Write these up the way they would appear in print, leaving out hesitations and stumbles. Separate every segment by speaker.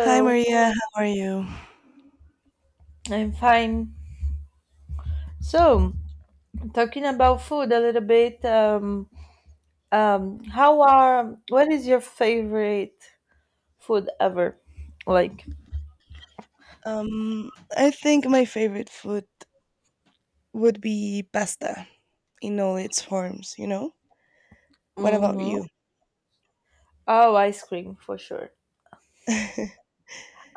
Speaker 1: Hi Maria, how are you?
Speaker 2: I'm fine. So, talking about food a little bit, what is your favorite food ever? Like,
Speaker 1: I think my favorite food would be pasta in all its forms, you know? What about
Speaker 2: mm-hmm.
Speaker 1: you?
Speaker 2: Oh, ice cream for sure.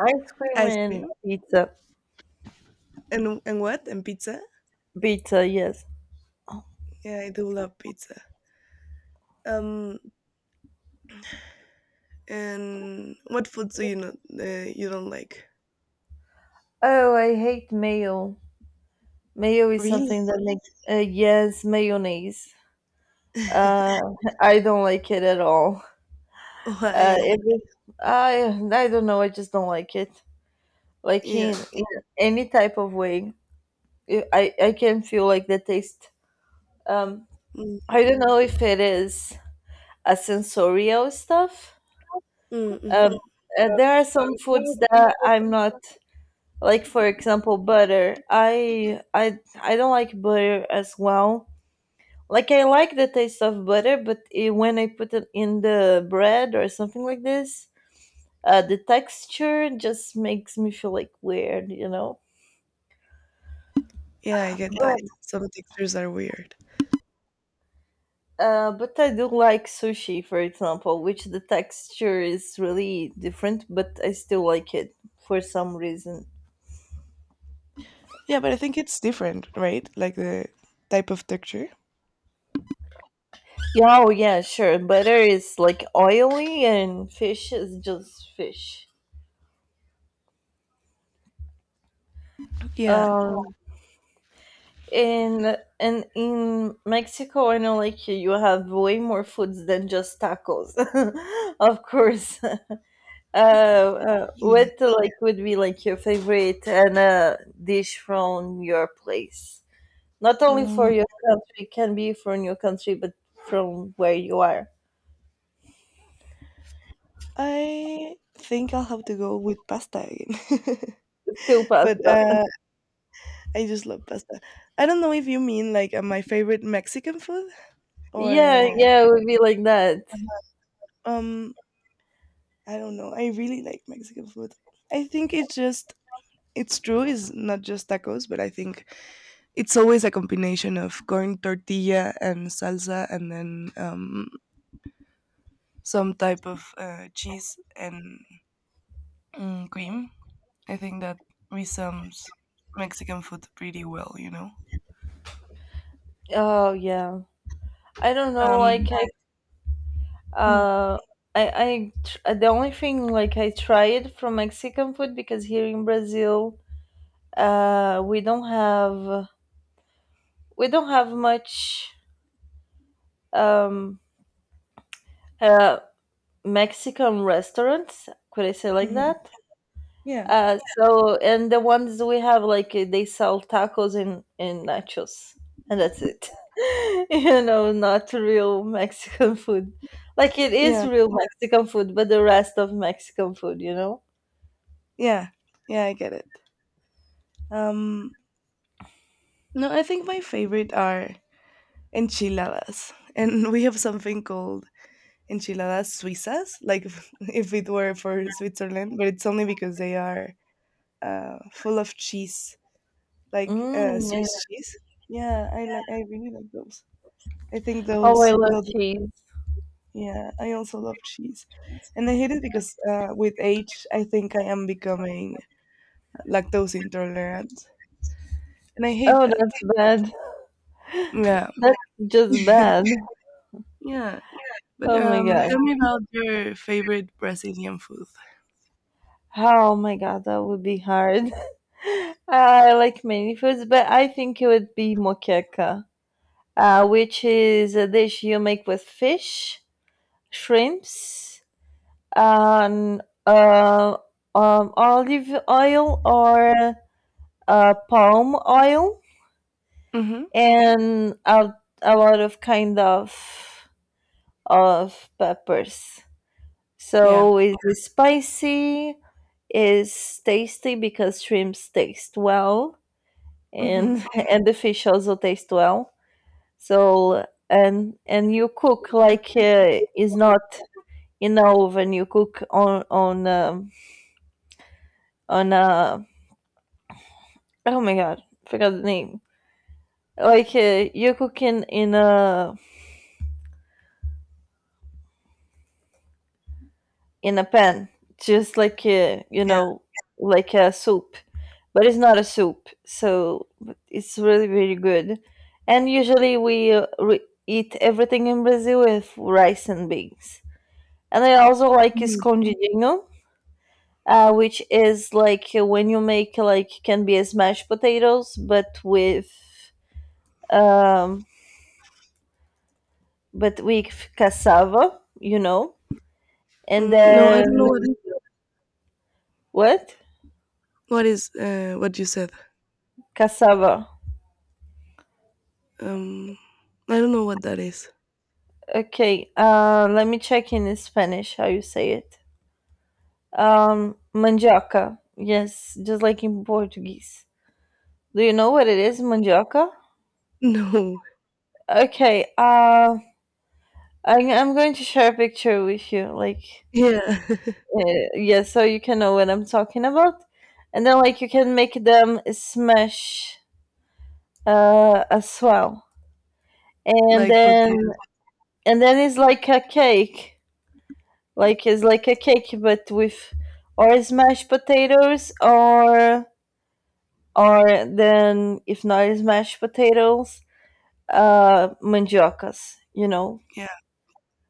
Speaker 2: Ice cream
Speaker 1: Ice
Speaker 2: and
Speaker 1: cream
Speaker 2: pizza.
Speaker 1: and what? And pizza?
Speaker 2: Pizza, yes.
Speaker 1: Yeah, I do love pizza. Um, and what foods do you not you don't like?
Speaker 2: Oh, I hate mayo. Mayo is
Speaker 1: Really?
Speaker 2: something that makes, yes, mayonnaise. Uh, I don't like it at all.
Speaker 1: Why?
Speaker 2: It is, I don't know, I just don't like it. Like in,
Speaker 1: Yeah.
Speaker 2: in any type of way, I can feel like the taste. um
Speaker 1: Mm,
Speaker 2: I don't know if it is a sensorial stuff. um
Speaker 1: mhm.
Speaker 2: there are some foods that I'm not, like, for example, butter. I don't like butter as well. Like I like the taste of butter, but when I put it in the bread or something like this, the texture just makes me feel like weird.
Speaker 1: Yeah, I get that.
Speaker 2: but
Speaker 1: Some textures are weird.
Speaker 2: but I do like sushi, for example, which the texture is really different, but I still like it for some reason.
Speaker 1: Yeah, but I think it's different, right? Like the type of texture.
Speaker 2: Yeah, oh yeah, sure. Butter is like oily, and fish is just fish.
Speaker 1: Yeah.
Speaker 2: Um, and in Mexico, I know, like, you have way more foods than just tacos, of course.
Speaker 1: Yeah.
Speaker 2: What, like, would be like your favorite and dish from your place? Not only for
Speaker 1: Mm,
Speaker 2: your country, it can be from your country, but from where you are.
Speaker 1: I think I'll have to go with pasta again.
Speaker 2: Still
Speaker 1: But
Speaker 2: pasta.
Speaker 1: I just love pasta. I don't know if you mean like my favorite Mexican food
Speaker 2: Yeah,
Speaker 1: or
Speaker 2: yeah, it would be like that.
Speaker 1: um I don't know. I really like Mexican food. I think it's just it's true. It's not just tacos, but I think it's always a combination of corn tortilla and salsa, and then some type of cheese and cream. I think that resums Mexican food pretty well, you know.
Speaker 2: Oh yeah. I don't know. Like
Speaker 1: Um, mhm,
Speaker 2: uh, the only thing like I tried from Mexican food because here in Brazil, we don't have, we don't have much um uh Mexican restaurants. Could I say like
Speaker 1: mhm.
Speaker 2: that?
Speaker 1: yeah,
Speaker 2: So and the ones we have, like, they sell tacos and nachos, and that's it. Not real Mexican food. Like it is
Speaker 1: yeah,
Speaker 2: real Mexican food, but the rest of Mexican food.
Speaker 1: yeah, yeah. I get it. Um, no, I think my favorite are enchiladas, and we have something called enchiladas suizas, like if if it were for Switzerland, but it's only because they are full of cheese, like
Speaker 2: Mm, yeah.
Speaker 1: Swiss cheese. Yeah, I like. I really like those. I think
Speaker 2: Oh, I
Speaker 1: those
Speaker 2: love
Speaker 1: those
Speaker 2: cheese.
Speaker 1: Yeah, I also love cheese. And I hate it because with age, I think I am becoming lactose intolerant. And I hate
Speaker 2: Oh,
Speaker 1: that.
Speaker 2: that's bad.
Speaker 1: Yeah.
Speaker 2: That's just bad.
Speaker 1: Yeah. But
Speaker 2: Oh my god.
Speaker 1: tell me about your favorite Brazilian food.
Speaker 2: Oh my god, that would be hard. I like many foods, but I think it would be moqueca, which is a dish you make with fish, shrimps, and olive oil or palm oil,
Speaker 1: Mm-hmm.
Speaker 2: and a lot of kind of peppers.
Speaker 1: Yeah.
Speaker 2: So it is spicy, is tasty because shrimps taste well,
Speaker 1: Mm-hmm.
Speaker 2: and and the fish also taste well. So and you cook, like, is not, you know, when you cook on on oh my god, forgot the name, like, you cook in a pan, just like, you
Speaker 1: Yeah.
Speaker 2: know, like a soup, but it's not a soup, so but it's really really good. And usually we eat everything in Brazil with rice and beans. And I also like
Speaker 1: Hmm.
Speaker 2: escondidinho, which is like, when you make, like, can be a mashed potatoes um, but with cassava. And
Speaker 1: Mm, no, I
Speaker 2: then
Speaker 1: don't know what is
Speaker 2: what?
Speaker 1: what is what you said.
Speaker 2: Cassava.
Speaker 1: Um, I don't know what that is.
Speaker 2: Okay. Let me check in Spanish how you say it. Mandioca. Yes, just like in Portuguese. Do you know what it is, mandioca?
Speaker 1: No.
Speaker 2: Okay. I'm going to share a picture with you, like,
Speaker 1: Yeah.
Speaker 2: yeah, so you can know what I'm talking about, and then, like, you can make them smash as well, and
Speaker 1: Like
Speaker 2: then
Speaker 1: potatoes.
Speaker 2: and then it's like a cake, like it's like a cake but with, or smashed potatoes, or then if not smashed potatoes, mandiocas.
Speaker 1: Yeah.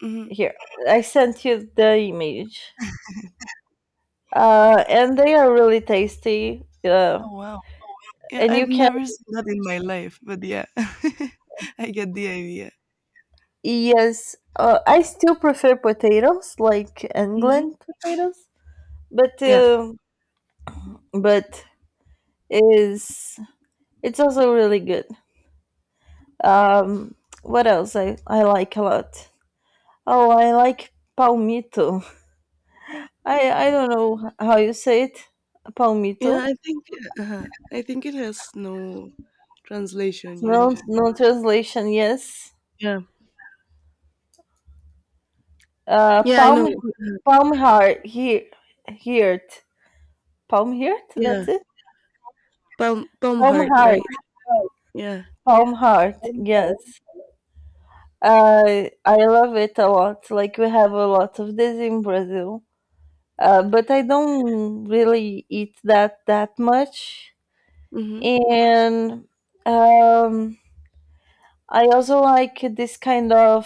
Speaker 1: Mm-hmm.
Speaker 2: Here I sent you the image, and they are really tasty.
Speaker 1: Oh wow. Yeah,
Speaker 2: And
Speaker 1: I've
Speaker 2: you can,
Speaker 1: never seen that in my life, but yeah, I get the idea.
Speaker 2: yes, I still prefer potatoes like England
Speaker 1: Hmm.
Speaker 2: potatoes, but
Speaker 1: Yeah,
Speaker 2: but is it's also really good. Um, what else I like a lot? Oh, I like palmito. I don't know how you say it.
Speaker 1: yeah.
Speaker 2: Palmito.
Speaker 1: I think I think it has no translation. You
Speaker 2: No,
Speaker 1: know.
Speaker 2: no translation. Yes.
Speaker 1: Yeah.
Speaker 2: Uh,
Speaker 1: Yeah, I
Speaker 2: palm
Speaker 1: know.
Speaker 2: palm heart here, heart, palm heart.
Speaker 1: Yeah,
Speaker 2: That's it.
Speaker 1: palm
Speaker 2: Palm
Speaker 1: heart,
Speaker 2: heart.
Speaker 1: right? Yeah.
Speaker 2: Palm heart.
Speaker 1: Mm-hmm.
Speaker 2: Yes. I love it a lot. Like we have a lot of this in Brazil. But I don't really eat that much. And um, I also like this kind of,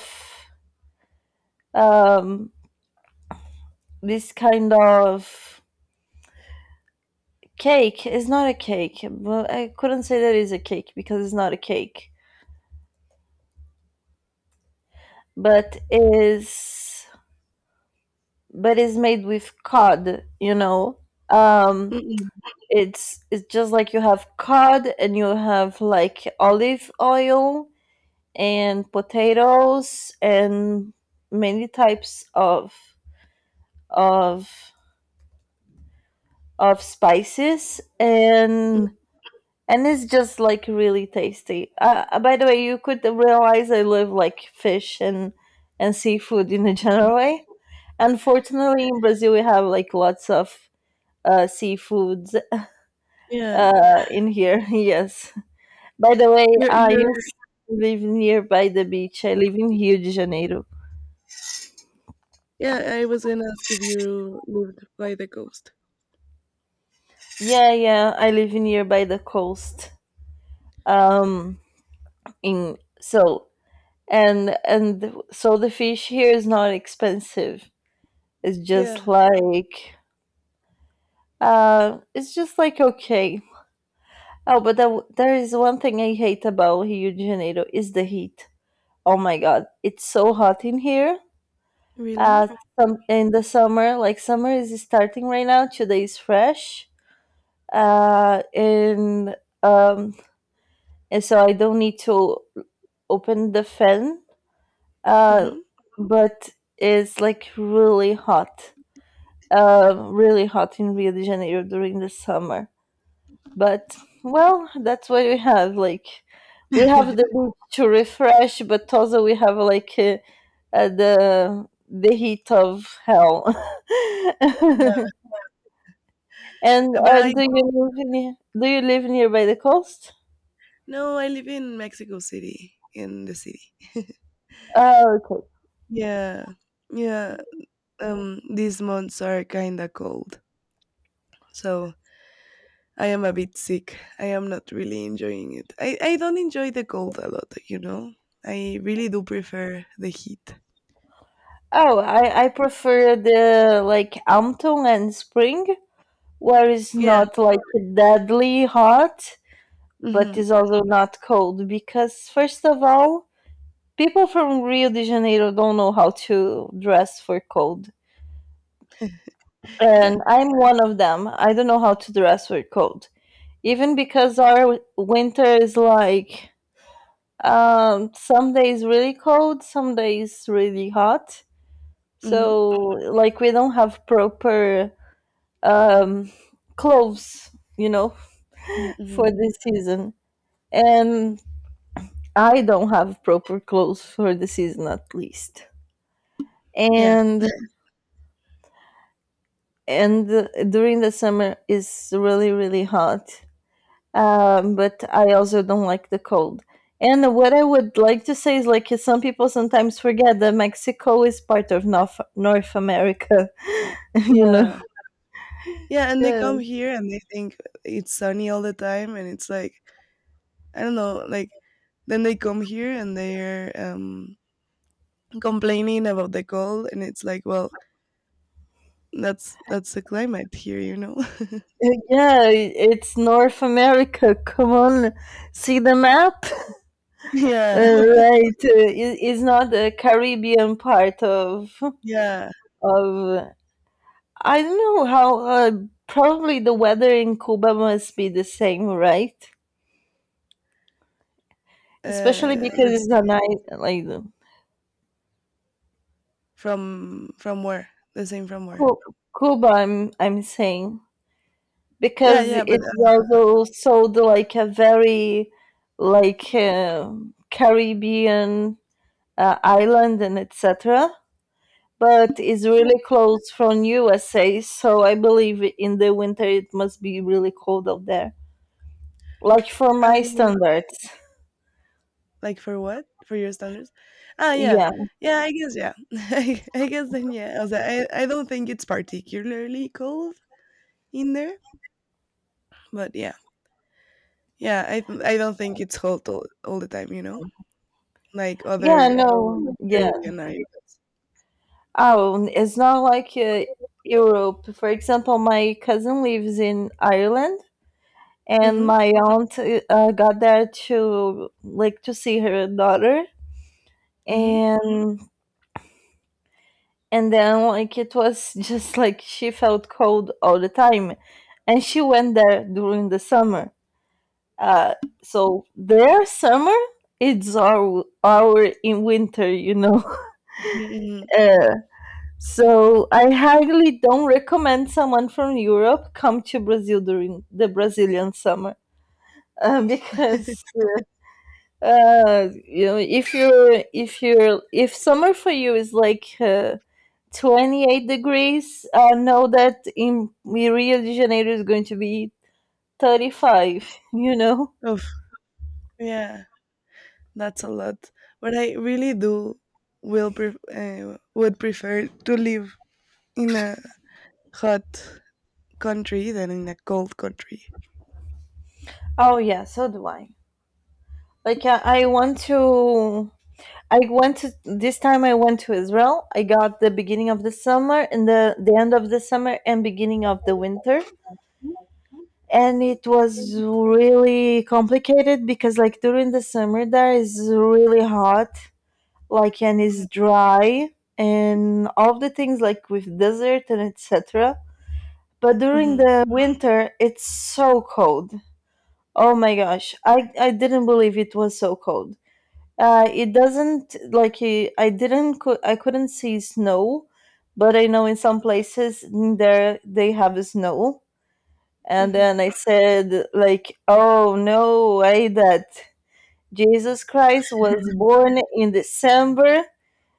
Speaker 2: um, this kind of cake. It's not a cake, but I couldn't say that it's a cake because it's not a cake, but is but is made with cod. Um,
Speaker 1: Mm-mm.
Speaker 2: it's just like you have cod and you have like olive oil and potatoes and many types of of spices, and it's just like really tasty. By the way, you could realize I love, like, fish and seafood in a
Speaker 1: Mm-mm.
Speaker 2: general way. Unfortunately, in Brazil we have like lots of seafoods
Speaker 1: Yeah.
Speaker 2: in here. Yes. By the way,
Speaker 1: You're,
Speaker 2: I
Speaker 1: you're,
Speaker 2: used to live nearby the beach. I live in Rio de Janeiro.
Speaker 1: yeah, I was gonna ask if you lived by the coast.
Speaker 2: Yeah, yeah. I live nearby the coast. Um, in so and so the fish here is not expensive, it's just
Speaker 1: Yeah.
Speaker 2: like it's just like okay. Oh, but there is one thing I hate about Rio de Janeiro, is the heat. Oh my god, it's so hot in here. uh
Speaker 1: Really?
Speaker 2: in the summer, like summer is starting right now, today is fresh. Uh and um and so I don't need to open the fan. uh
Speaker 1: Mm-hmm.
Speaker 2: but it's like really hot in Rio de Janeiro during the summer. But well, that's what we have. Like we have the beach to refresh, but also we have, like, the heat of hell.
Speaker 1: Yeah.
Speaker 2: and
Speaker 1: But
Speaker 2: and
Speaker 1: I
Speaker 2: do you live nearby the coast?
Speaker 1: no, I live in Mexico City, in the city.
Speaker 2: Oh, okay.
Speaker 1: Yeah, yeah. These months are kinda cold, so I am a bit sick. I am not really enjoying it. I don't enjoy the cold a lot, you know. I really do prefer the heat.
Speaker 2: Oh, I prefer, the like, autumn and spring, where it's
Speaker 1: Yeah.
Speaker 2: not like deadly hot, but
Speaker 1: Hmm.
Speaker 2: it's also not cold because, first of all, people from Rio de Janeiro don't know how to dress for cold. And
Speaker 1: Yeah.
Speaker 2: I'm one of them. I don't know how to dress for cold. Even because our winter is like, some days really cold, some days really hot.
Speaker 1: hmm
Speaker 2: So, like, we don't have proper um, clothes, you know,
Speaker 1: hmm.
Speaker 2: for this season. And I don't have proper clothes for the season at least.
Speaker 1: Yeah.
Speaker 2: And and during the summer is really really hot. But I also don't like the cold. And what I would like to say is, like, some people sometimes forget that Mexico is part of North America, you know.
Speaker 1: Yeah. Yeah. And they
Speaker 2: Yeah.
Speaker 1: come here and they think it's sunny all the time, and it's like I don't know, like then they come here and they're complaining about the cold, and it's like, well, that's the climate here, you know?
Speaker 2: Yeah, it's North America. Come on, see the map.
Speaker 1: Yeah,
Speaker 2: Right, it's not the Caribbean part of
Speaker 1: yeah.
Speaker 2: of I don't know how, probably the weather in Cuba must be the same, right? Especially
Speaker 1: Uh,
Speaker 2: because
Speaker 1: this
Speaker 2: it's
Speaker 1: is
Speaker 2: a nice, like
Speaker 1: from where? The same from where?
Speaker 2: Cu- Cuba, I'm saying,
Speaker 1: Yeah,
Speaker 2: because
Speaker 1: yeah, but
Speaker 2: it also sold like a very, like, Caribbean island and etc. But it's really close from USA, so I believe in the winter it must be really cold out there. Like for my
Speaker 1: I
Speaker 2: standards.
Speaker 1: like for what? For your standards? Ah, yeah.
Speaker 2: Yeah.
Speaker 1: Yeah, I guess yeah. I guess then yeah. Also, I don't think it's particularly cold in there, but yeah. Yeah, I don't think it's cold all the time, you know? Like
Speaker 2: Yeah,
Speaker 1: other
Speaker 2: no, yeah.
Speaker 1: Caribbean islands.
Speaker 2: Oh, it's not like, Europe. For example, my cousin lives in Ireland, and
Speaker 1: Mhm.
Speaker 2: my aunt got there to, like, to see her daughter,
Speaker 1: Mhm.
Speaker 2: and then like it was just like she felt cold all the time, and she went there during the summer. Uh, so their summer it's our in winter,
Speaker 1: Mhm.
Speaker 2: So I highly don't recommend someone from Europe come to Brazil during the Brazilian summer,
Speaker 1: Mhm.
Speaker 2: because, if summer for you is like, 28 degrees, I know that in Rio de Janeiro is going to be 35. You know?
Speaker 1: Oof. Yeah. That's a lot. But I really do will pref would prefer to live in a hot country than in a cold country.
Speaker 2: Oh yeah, so do I. Like I want to I went to this time I went to Israel. I got the beginning of the summer and the end of the summer and beginning of the winter. And it was really complicated because, like, during the summer there is really hot, like, and it's
Speaker 1: Mhm.
Speaker 2: dry and all the things, like, with desert and etc. But during
Speaker 1: Mhm.
Speaker 2: the winter it's so cold. Oh my gosh. I didn't believe it was so cold. It doesn't like eh, I didn't cou- I couldn't see snow, but I know in some places in there they have snow. And then
Speaker 1: Mhm.
Speaker 2: I said like, "Oh no way that Jesus Christ was born in December."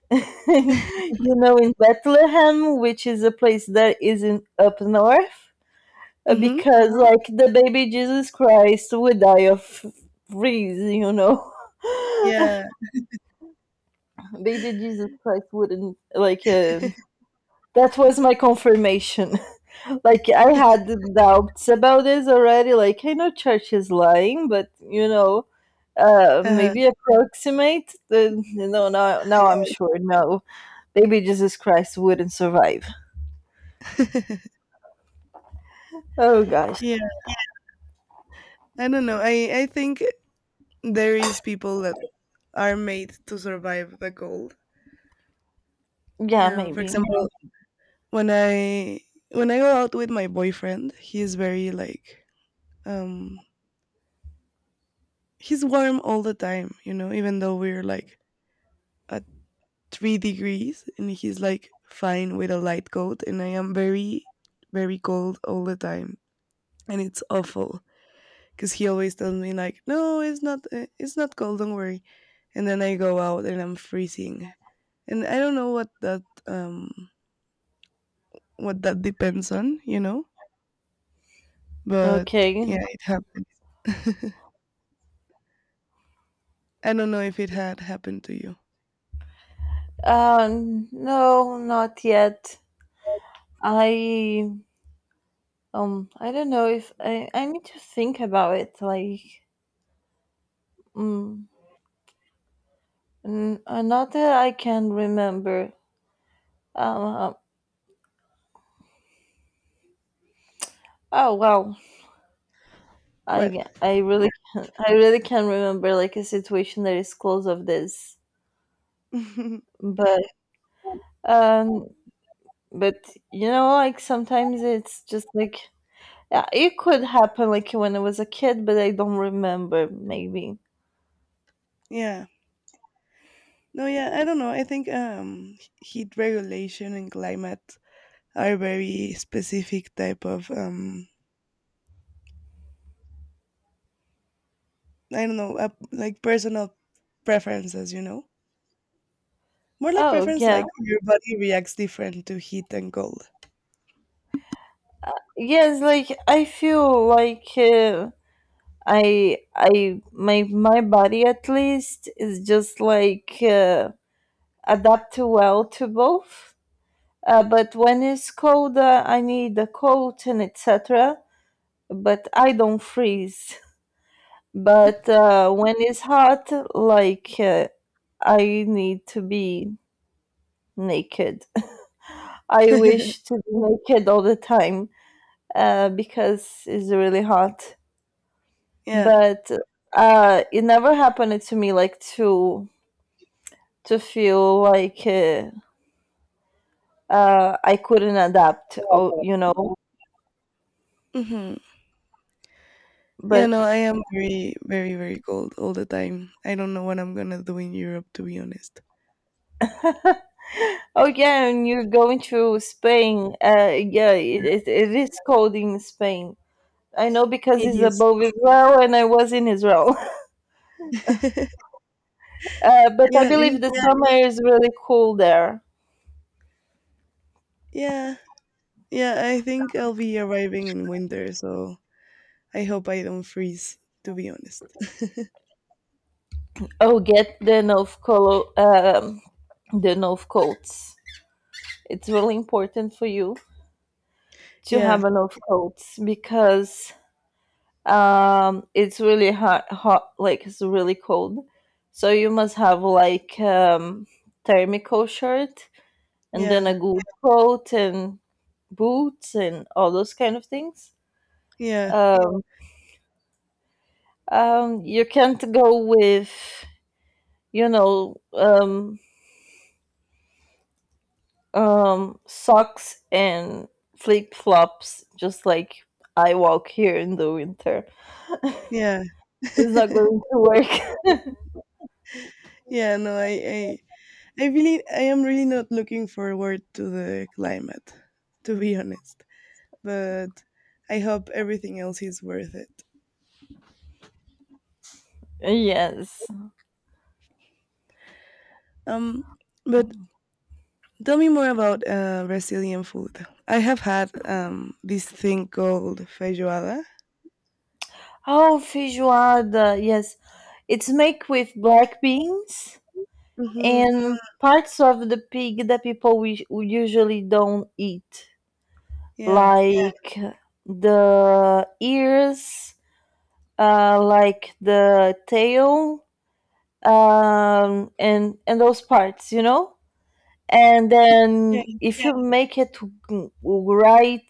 Speaker 2: In Bethlehem, which is a place that is in up north,
Speaker 1: Mhm.
Speaker 2: because, like, the baby Jesus Christ would die of freeze.
Speaker 1: Yeah.
Speaker 2: Baby Jesus Christ wouldn't, like, that was my confirmation. Like I had doubts about this already. Like I know church is lying, but
Speaker 1: Uh-huh.
Speaker 2: maybe approximate. No, no, now I'm sure. No, baby Jesus Christ wouldn't survive. Oh gosh,
Speaker 1: Yeah. I don't know. I think there is people that are made to survive the cold.
Speaker 2: yeah,
Speaker 1: For
Speaker 2: maybe.
Speaker 1: example, when I when I go out with my boyfriend, he's very like um he's warm all the time, you know, even though we're like at 3 degrees and he's like fine with a light coat and I am very, very cold all the time. And it's awful because he always tells me like, no, it's not cold, don't worry. And then I go out and I'm freezing. And I don't know what that depends on, you know, but
Speaker 2: Okay.
Speaker 1: yeah, it happens. I don't know if it had happened to you.
Speaker 2: No, not yet. I I don't know if I need to think about it. Like, mm, not that I can remember. Um, um, oh wow,
Speaker 1: What?
Speaker 2: I really can, I really can remember like a situation that is close of this, but um, but like sometimes it's just like yeah, it could happen like when I was a kid, but I don't remember maybe.
Speaker 1: Yeah. No, yeah, I don't know. I think heat regulation and climate are very specific type of I don't know, like personal preferences. You know, more like
Speaker 2: Oh
Speaker 1: preference,
Speaker 2: yeah,
Speaker 1: like your body reacts different to heat and cold.
Speaker 2: yes. Like I feel like I my body at least is just like. Adapt well to both. But when it's colder, I need a coat and etc. But I don't freeze. But when it's hot, like I need to be naked. I wish to be naked all the time because it's really hot.
Speaker 1: Yeah.
Speaker 2: But it never happened to me like to feel like I couldn't adapt. Oh, you know.
Speaker 1: Mm-hmm. Yeah,
Speaker 2: But
Speaker 1: no, I am very, very, very cold all the time. I don't know what I'm gonna do in Europe, to be honest.
Speaker 2: oh yeah, and you're going to Spain. Yeah, it is cold in Spain. I know because
Speaker 1: It
Speaker 2: it's
Speaker 1: is.
Speaker 2: above Israel, and I was in Israel. But I
Speaker 1: Yeah,
Speaker 2: believe
Speaker 1: it
Speaker 2: the yeah,
Speaker 1: is.
Speaker 2: summer is really cool there.
Speaker 1: Yeah. Yeah, I think I'll be arriving in winter, so I hope I don't freeze, to be honest.
Speaker 2: Oh, get the the North coats. It's really important for you to have
Speaker 1: Yeah,
Speaker 2: a North coats because it's really hot, hot, like it's really cold. So you must have like thermical shirt and then
Speaker 1: yeah,
Speaker 2: a good coat and boots and all those kind of things.
Speaker 1: yeah,
Speaker 2: Um, you can't go with, you know, socks and flip flops, just like I walk here in the winter.
Speaker 1: yeah.
Speaker 2: It's not going to work.
Speaker 1: Yeah, no, I really I am really not looking forward to the climate, to be honest. But I hope everything else is worth it.
Speaker 2: Yes.
Speaker 1: Um but tell me more about Brazilian food. I have had this thing called feijoada.
Speaker 2: Oh, feijoada. Yes. It's make with black beans
Speaker 1: Mhm.
Speaker 2: and parts of the pig that people we usually don't eat.
Speaker 1: Yeah.
Speaker 2: Like the ears, like the tail, and those parts, you know. And
Speaker 1: Yeah.
Speaker 2: then if yeah, you make it right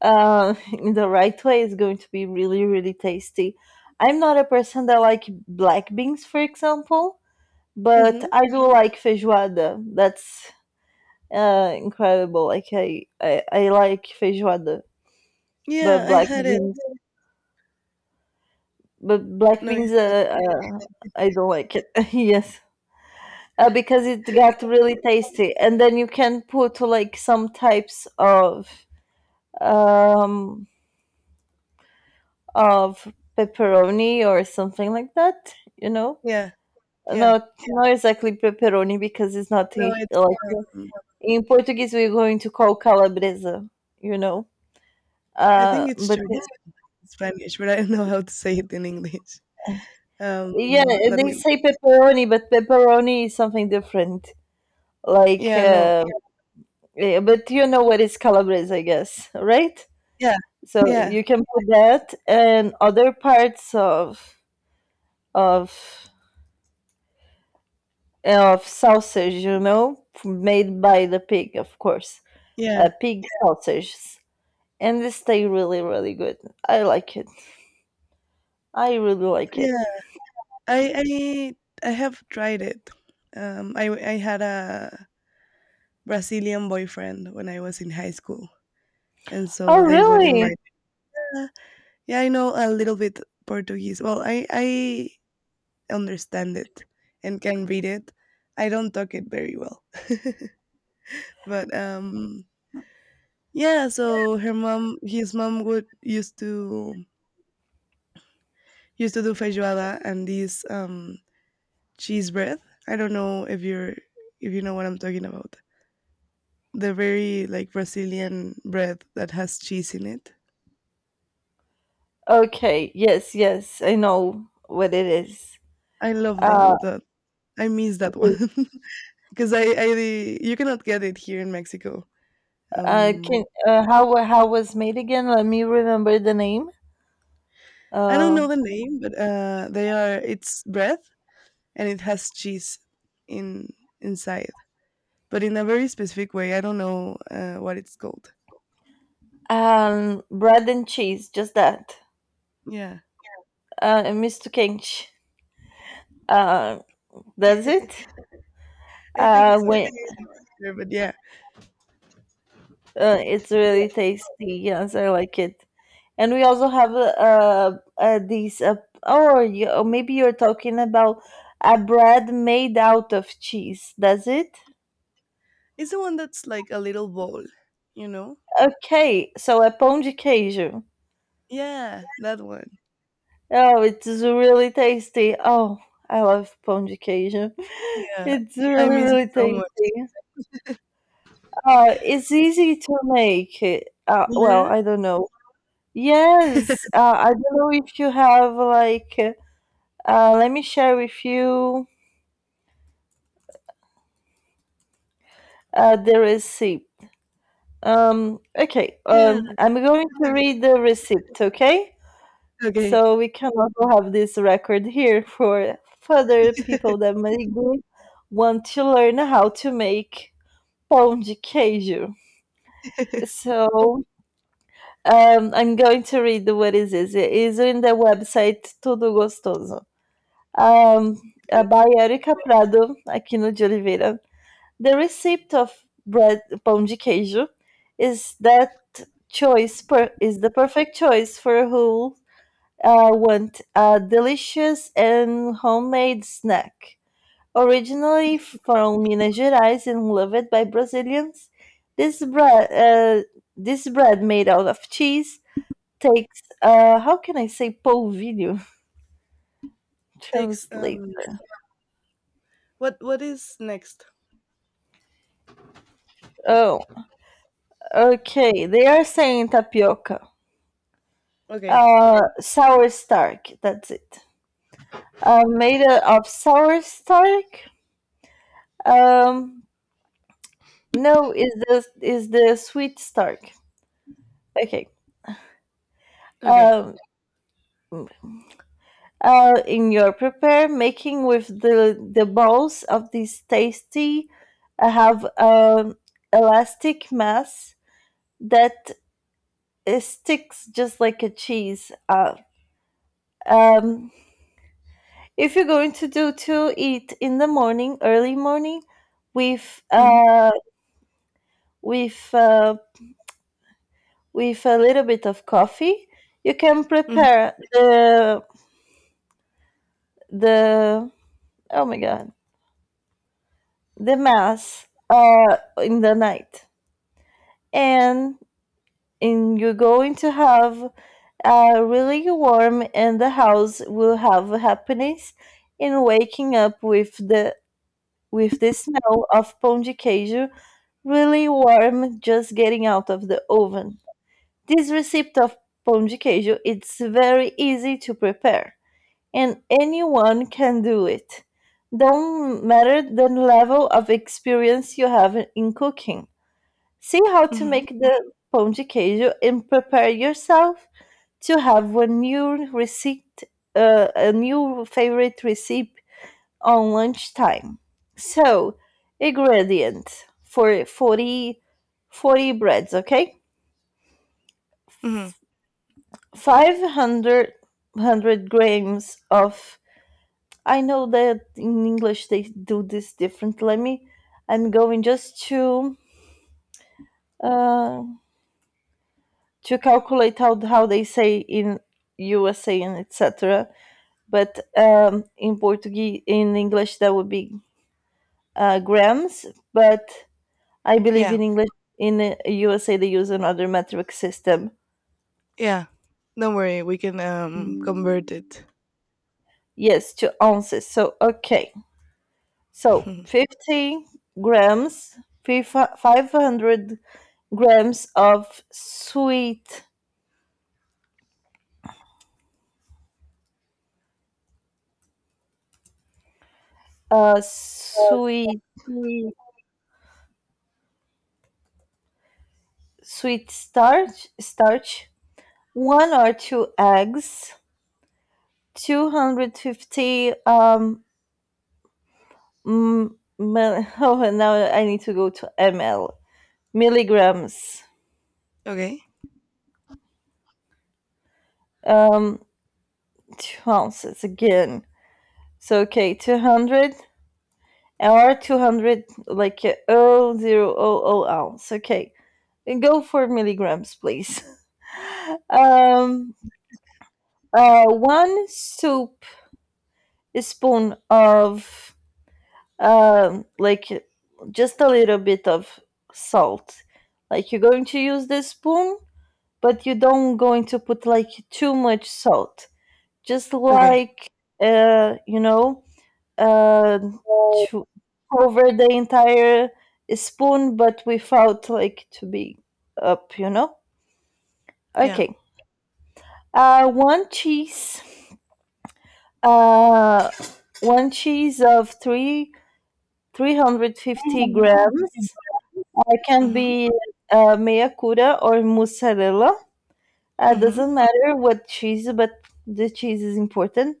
Speaker 2: in the right way, it's going to be really really tasty. I'm not a person that like black beans, for example, but
Speaker 1: Mhm.
Speaker 2: I do like feijoada. That's incredible. Like I like feijoada,
Speaker 1: Yeah,
Speaker 2: but
Speaker 1: I had it.
Speaker 2: black
Speaker 1: No, yeah.
Speaker 2: beans, I don't like it. Yes, because it got really tasty, and then you can put like some types um of pepperoni or something like that. You know,
Speaker 1: Yeah, yeah.
Speaker 2: not exactly pepperoni because it's not
Speaker 1: No,
Speaker 2: i-
Speaker 1: it's
Speaker 2: like
Speaker 1: um,
Speaker 2: in Portuguese we're going to call calabresa. You know,
Speaker 1: I think it's
Speaker 2: but
Speaker 1: true in Spanish, but I don't know how to say it in English.
Speaker 2: yeah,
Speaker 1: Let
Speaker 2: they
Speaker 1: me.
Speaker 2: say pepperoni, but pepperoni is something different. Like.
Speaker 1: Yeah, no.
Speaker 2: Yeah, but you know what is calabrese, I guess, right?
Speaker 1: Yeah.
Speaker 2: So
Speaker 1: Yeah.
Speaker 2: you can put that and other parts of of sausage, you know, made by the pig, of course.
Speaker 1: Yeah.
Speaker 2: Pig sausages, and they stay really, really good. I like it. I really like it.
Speaker 1: Yeah. I have tried it. I had a Brazilian boyfriend when I was in high school, and
Speaker 2: Oh,
Speaker 1: so they would
Speaker 2: really?
Speaker 1: invite. Yeah, yeah, I know a little bit Portuguese. Well, I understand it and can read it. I don't talk it very well. But yeah, so her mom his mom would used to do feijoada and these cheese bread. I don't know if you're if you know what I'm talking about. The very like Brazilian bread that has cheese in it.
Speaker 2: Okay. Yes, yes. I know what it is.
Speaker 1: I love that
Speaker 2: Uh,
Speaker 1: that I miss that one because I you cannot get it here in Mexico. Um,
Speaker 2: can how was made again? Let me remember the name.
Speaker 1: I don't
Speaker 2: Uh,
Speaker 1: know the name, but they are it's bread and it has cheese in inside. But in a very specific way. I don't know what it's called.
Speaker 2: Bread and cheese, just that.
Speaker 1: Yeah,
Speaker 2: Mr. Kinch, uh, does it?
Speaker 1: I think
Speaker 2: Uh,
Speaker 1: so.
Speaker 2: when,
Speaker 1: Remember, but yeah,
Speaker 2: it's really tasty. Yes, I like it. And we also have these oh, you, or maybe you're talking about a bread made out of cheese. Does it?
Speaker 1: it's the one that's like a little bowl, you know?
Speaker 2: Okay, so a pão de queijo.
Speaker 1: Yeah, that one.
Speaker 2: Oh, it is really tasty. Oh, I love pão de queijo.
Speaker 1: Yeah,
Speaker 2: It's
Speaker 1: I
Speaker 2: really,
Speaker 1: miss it
Speaker 2: really
Speaker 1: so much.
Speaker 2: tasty. It's easy to make. It. Well,
Speaker 1: Yeah,
Speaker 2: I don't know. Yes, I don't know if you have like. Let me share with you the receipt. Okay,
Speaker 1: yeah.
Speaker 2: I'm going to read the receipt. Okay,
Speaker 1: Okay,
Speaker 2: so we can also have this record here for further people that maybe want to learn how to make pão de queijo. So I'm going to read what it is it. It's in the website Tudo Gostoso. By Erika Prado, Aquino de Oliveira. The recipe of bread pão de queijo is that is the perfect choice for who want a delicious and homemade snack. Originally from Minas Gerais and loved by Brazilians, this bread, uh, this bread made out of cheese takes how can I say polvilho?
Speaker 1: takes
Speaker 2: Translate.
Speaker 1: um. What is next?
Speaker 2: Oh, okay. They are saying tapioca.
Speaker 1: Okay,
Speaker 2: Sour stark, that's it. Made of sour stark. Um no, Is the sweet stark. Okay.
Speaker 1: okay.
Speaker 2: Um in your prepare making with the balls of this tasty have elastic mass that it sticks just like a cheese. Um, if you're going to do to eat in the morning, early morning, with
Speaker 1: Mhm,
Speaker 2: with uh, with a little bit of coffee, you can
Speaker 1: mhm,
Speaker 2: prepare the the oh my god, the mass in the night, and and you're going to have really warm, and the house will have happiness in waking up with the smell of pão de queijo really warm just getting out of the oven. This recipe of pão de queijo it's very easy to prepare and anyone can do it. Don't matter the level of experience you have in cooking. See how to
Speaker 1: mhm,
Speaker 2: make the pão de queijo and prepare yourself to have a new receipt, a new favorite recipe on lunchtime. So, ingredient for 40, 40 breads, okay?
Speaker 1: mhm.
Speaker 2: 500 grams of. I know that in English they do this different. Let me. I'm going just uh, to calculate how they say in USA and etc. But in Portuguese, in English, that would be grams. But I believe
Speaker 1: Yeah,
Speaker 2: in English in USA they use another metric system.
Speaker 1: yeah. Don't worry, we can convert it.
Speaker 2: Yes, 2 ounces. So okay, so 50 grams, 500 grams of uh, sweet,
Speaker 1: Mm.
Speaker 2: sweet starch, one or two eggs, 250. Oh, and now I need to go to ml milligrams.
Speaker 1: okay,
Speaker 2: Um, 2 ounces again. So okay, 200 like oh zero oh oh ounce. Okay, and go for milligrams, please. Um, One soup spoon of um like just a little bit of salt. Like you're going to use this spoon, but you don't going to put like too much salt. Just
Speaker 1: okay.
Speaker 2: like you know, uh, to cover the entire spoon, but without like to be up, you know?
Speaker 1: Yeah.
Speaker 2: Okay. Uh, one cheese. Uh, One cheese of three. 350 grams. It can
Speaker 1: Mhm,
Speaker 2: be meyakura or mozzarella.
Speaker 1: mhm.
Speaker 2: Doesn't matter what cheese, but the cheese is important.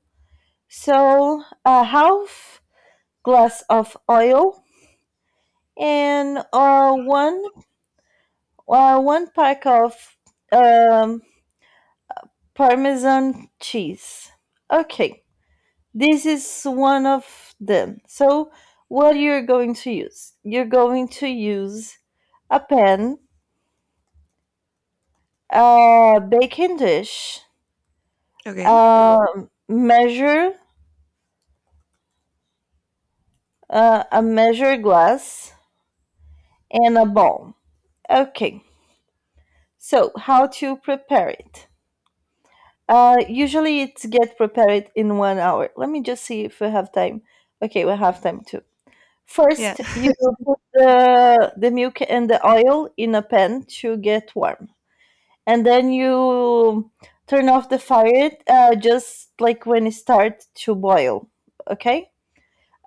Speaker 2: So, a half glass of oil and one pack of um, Parmesan cheese. Okay, this is one of them. So, what you're going to use? You're going to use a pan, a baking dish,
Speaker 1: Okay.
Speaker 2: a measure, a measure glass, and a bowl. Okay, so how to prepare it? Usually, it get prepared in 1 hour. Let me just see if we have time. Okay, we have time too.
Speaker 1: Yeah.
Speaker 2: First, you put the milk and the oil in a pan to get warm, and then you turn off the fire just like when it starts to boil. Okay.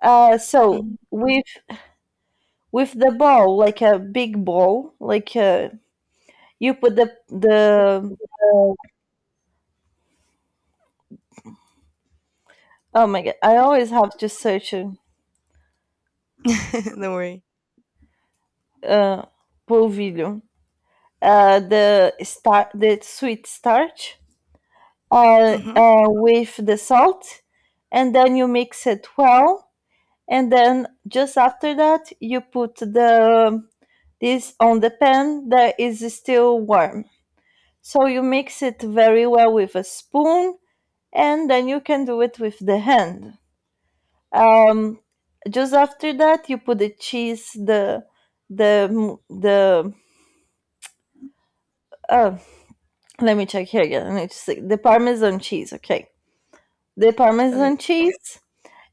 Speaker 2: So
Speaker 1: Mhm.
Speaker 2: with the bowl, like a big bowl, like you put the oh my god, I always have to search
Speaker 1: Don't worry.
Speaker 2: uh polvilho, the sweet starch
Speaker 1: Mhm.
Speaker 2: with the salt, and then you mix it well. And then just after that, you put the this on the pan that is still warm. So you mix it very well with a spoon, and then you can do it with the hand. Um, just after that, you put the cheese, the the. Uh, let me check here again. I need to see. The Parmesan cheese, okay. The
Speaker 1: Okay.
Speaker 2: Parmesan cheese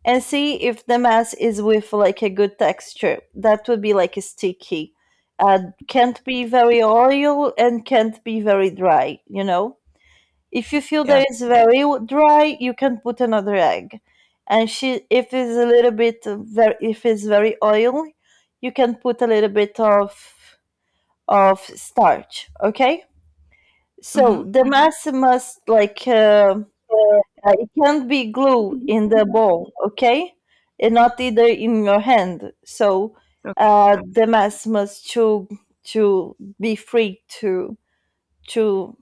Speaker 2: and see if the mess is with like a good texture. That would be like sticky. Can't be very oil and can't be very dry. You know, if you feel
Speaker 1: Yeah.
Speaker 2: that it's very dry, you can put another egg. And she, if it's a little bit very, if it's very oily, you can put a little bit of starch. Okay. So
Speaker 1: Mhm.
Speaker 2: the mass must like
Speaker 1: uh,
Speaker 2: it can't be glue in the bowl, okay? And not either in your hand. So
Speaker 1: Okay.
Speaker 2: the mass must to be free to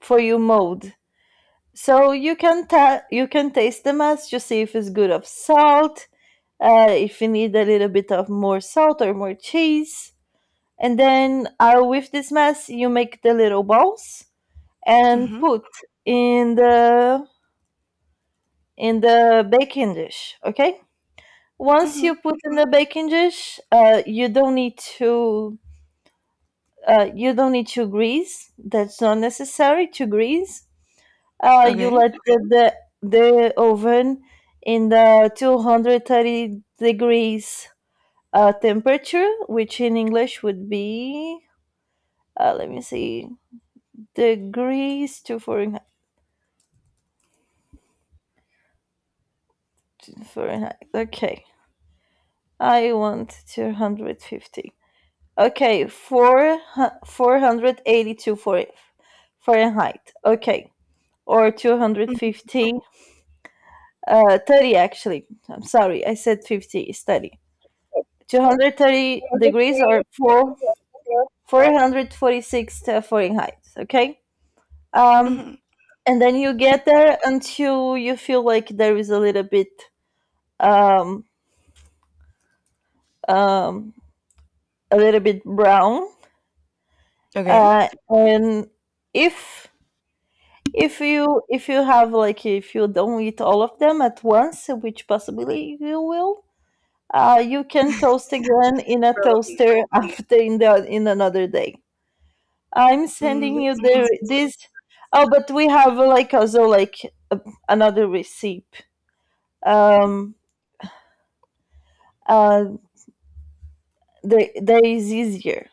Speaker 2: for you mold. So you can you can taste the mass to see if it's good of salt, if you need a little bit of more salt or more cheese. And then with this mass, you make the little balls and
Speaker 1: Mhm.
Speaker 2: put in the baking dish, okay? Once
Speaker 1: Mhm.
Speaker 2: you put in the baking dish, you don't need to you don't need to grease. That's not necessary to grease. You
Speaker 1: Okay.
Speaker 2: let the oven in the 230 degrees temperature, which in English would be let me see degrees to Fahrenheit. Fahrenheit. Okay, I want 250. Okay, four hundred eighty-two for Fahrenheit. Okay, or two hundred
Speaker 1: Mhm.
Speaker 2: fifty. 30 actually. I'm sorry, I said 50. It's 30. 230 degrees or four hundred forty-six Fahrenheit. Okay. Um,
Speaker 1: Mhm.
Speaker 2: and then you get there until you feel like there is um um a little bit brown.
Speaker 1: Okay.
Speaker 2: And if if you have like if you don't eat all of them at once, which possibly you will, you can toast again in a
Speaker 1: Probably.
Speaker 2: toaster after in the in another day. I'm
Speaker 1: Mm,
Speaker 2: sending
Speaker 1: that
Speaker 2: you
Speaker 1: sounds
Speaker 2: the
Speaker 1: so
Speaker 2: this. Oh, but we have like also like another recipe. Um, uh, there is easier.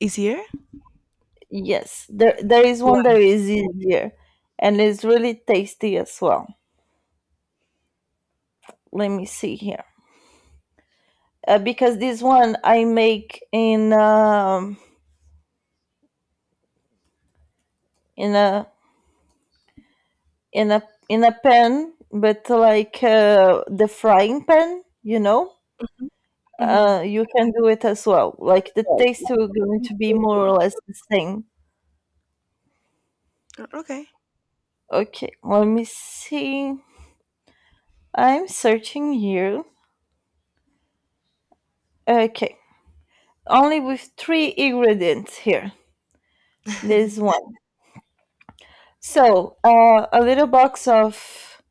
Speaker 1: easier.
Speaker 2: Yes, there is one that
Speaker 1: Why?
Speaker 2: is easier, and it's really tasty as well. Let me see here. Because this one I make in in a in a in a pan, but like the frying pan, you know.
Speaker 1: Mhm. Mhm.
Speaker 2: You can do it as well. Like the taste will going to be more or less the same.
Speaker 1: Okay.
Speaker 2: Okay, let me see. I'm searching here. Okay, only with three ingredients here. This one. So a little box of,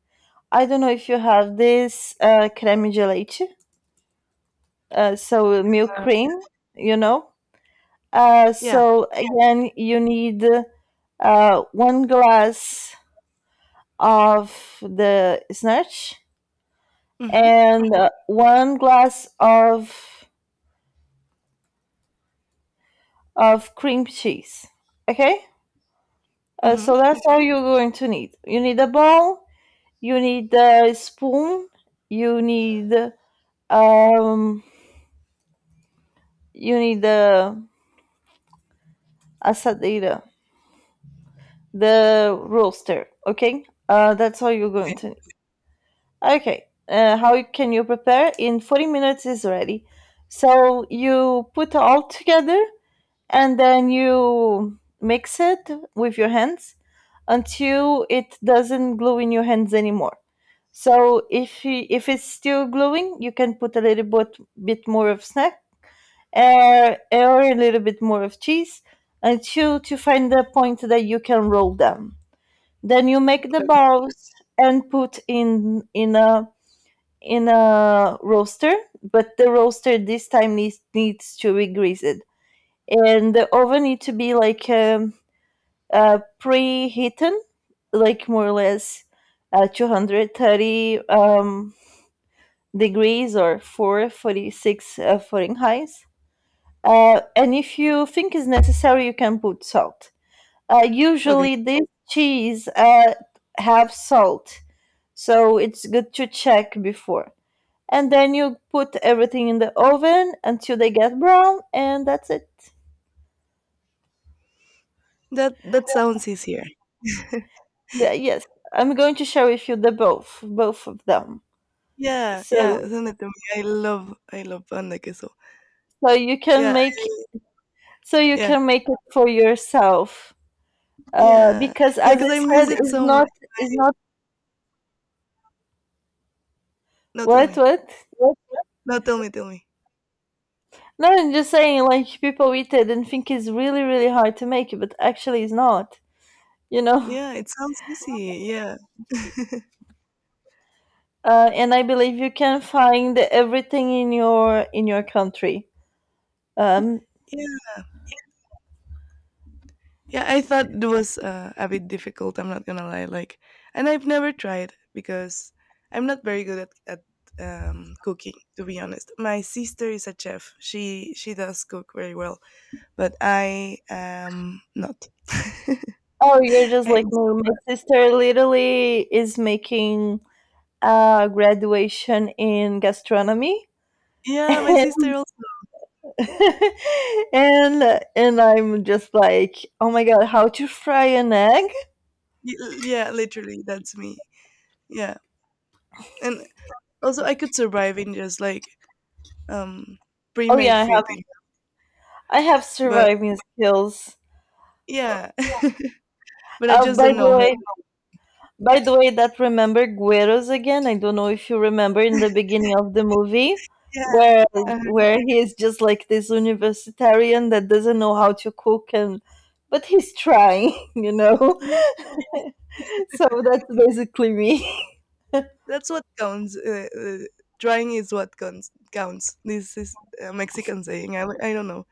Speaker 2: I don't know if you have this creme de leche. So milk cream, you know.
Speaker 1: Yeah.
Speaker 2: So again, you need one glass of the snatch
Speaker 1: Mhm.
Speaker 2: and one glass of cream cheese. Okay,
Speaker 1: Mhm.
Speaker 2: so that's all you're going to need. You need a bowl. You need a spoon. You need um. You need the asadera, the roaster. Okay, that's all you're
Speaker 1: Okay.
Speaker 2: going to need. Okay. How can you prepare? In 40 minutes is ready. So you put all together and then you mix it with your hands until it doesn't glue in your hands anymore. If it's still gluing, you can put a little bit, bit more of snack or a little bit more of cheese until to find the point that you can roll them. Then you make the balls and put in a roaster, but the roaster this time needs to be greased, and the oven need to be like preheated, like more or less 230 degrees or 446 Fahrenheit. And if you think is necessary, you can put salt.
Speaker 1: Okay.
Speaker 2: Usually, this cheese have salt, so it's good to check before, and then you put everything in the oven until they get brown, and that's it.
Speaker 1: That that sounds easier.
Speaker 2: Yes, I'm going to share with you both of them.
Speaker 1: Yeah. Yeah.
Speaker 2: So,
Speaker 1: Send it to me. I love pan de queso.
Speaker 2: so you can
Speaker 1: Yeah.
Speaker 2: make, so you
Speaker 1: Yeah.
Speaker 2: can make it for yourself.
Speaker 1: Yeah.
Speaker 2: Because
Speaker 1: Yeah.
Speaker 2: as
Speaker 1: Because
Speaker 2: I
Speaker 1: I miss
Speaker 2: said,
Speaker 1: it so much.
Speaker 2: it's not
Speaker 1: No, tell me.
Speaker 2: what?
Speaker 1: What? No, tell me. Tell me.
Speaker 2: No, I'm just saying, like people eat it and think it's really, really hard to make it, but actually, it's not. You know.
Speaker 1: Yeah. It sounds easy. Yeah.
Speaker 2: And I believe you can find everything in your country. Um,
Speaker 1: Yeah, yeah, I thought it was a bit difficult. I'm not gonna lie, like, and I've never tried because I'm not very good at cooking. To be honest, my sister is a chef. She does cook very well, but I am not.
Speaker 2: Oh, you're just
Speaker 1: I,
Speaker 2: like me. My sister literally is making a graduation in gastronomy.
Speaker 1: yeah, my
Speaker 2: and
Speaker 1: sister also.
Speaker 2: and I'm just like, oh my god, how to fry an egg?
Speaker 1: Yeah, literally, that's me. Yeah, and also I could survive in just like um
Speaker 2: Oh yeah,
Speaker 1: pre-made food, you know,
Speaker 2: I have
Speaker 1: but
Speaker 2: surviving skills.
Speaker 1: yeah, but I
Speaker 2: Uh,
Speaker 1: just
Speaker 2: by
Speaker 1: don't know
Speaker 2: the
Speaker 1: how.
Speaker 2: way, By the way, that remember Gueros again? I don't know if you remember in the beginning of the movie
Speaker 1: Yeah,
Speaker 2: where
Speaker 1: uh,
Speaker 2: where he is just like this universitarian that doesn't know how to cook and but he's trying, you know. So that's basically me.
Speaker 1: That's what counts. Trying is what counts. Counts. This is a Mexican saying. I don't know.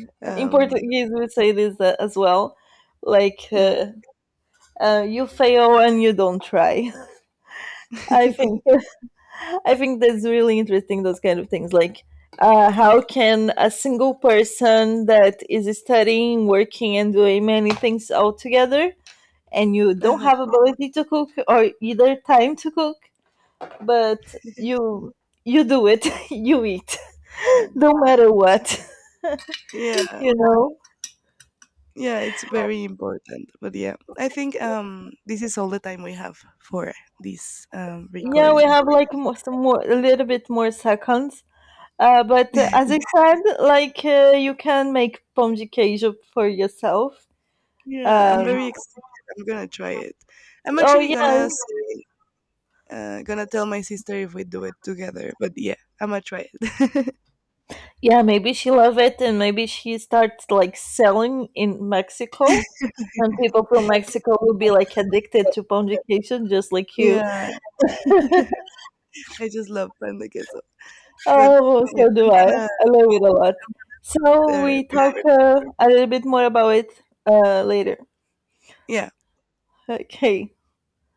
Speaker 2: In
Speaker 1: Um,
Speaker 2: Portuguese, we say this as well, like
Speaker 1: yeah.
Speaker 2: you fail and you don't try. I think I think that's really interesting. Those kind of things, like how can a single person that is studying, working, and doing many things all together, and you don't
Speaker 1: uh
Speaker 2: have ability to cook or either time to cook, but you do it, you eat,
Speaker 1: Yeah.
Speaker 2: no matter what,
Speaker 1: Yeah.
Speaker 2: you know.
Speaker 1: Yeah. It's very important. But yeah, I think this is all the time we have for this
Speaker 2: Yeah, we
Speaker 1: recording.
Speaker 2: have like more, some more, a little bit more seconds. But as I said, like you can make pão de queijo for yourself.
Speaker 1: Yeah, I'm
Speaker 2: Um,
Speaker 1: very excited. I'm gonna try it. I'm
Speaker 2: Oh
Speaker 1: actually
Speaker 2: yeah,
Speaker 1: gonna say, gonna tell my sister if we do it together. But yeah, I'm gonna try it.
Speaker 2: yeah, maybe she love it and maybe she starts like selling in Mexico. And people from Mexico will be like addicted to pondication just like you.
Speaker 1: Yeah, I just love pan de queso. But
Speaker 2: Oh,
Speaker 1: yeah,
Speaker 2: so do
Speaker 1: I'm
Speaker 2: I.
Speaker 1: gonna
Speaker 2: I love it a lot. So we talk
Speaker 1: report.
Speaker 2: a little bit more about it later.
Speaker 1: Yeah.
Speaker 2: Okay.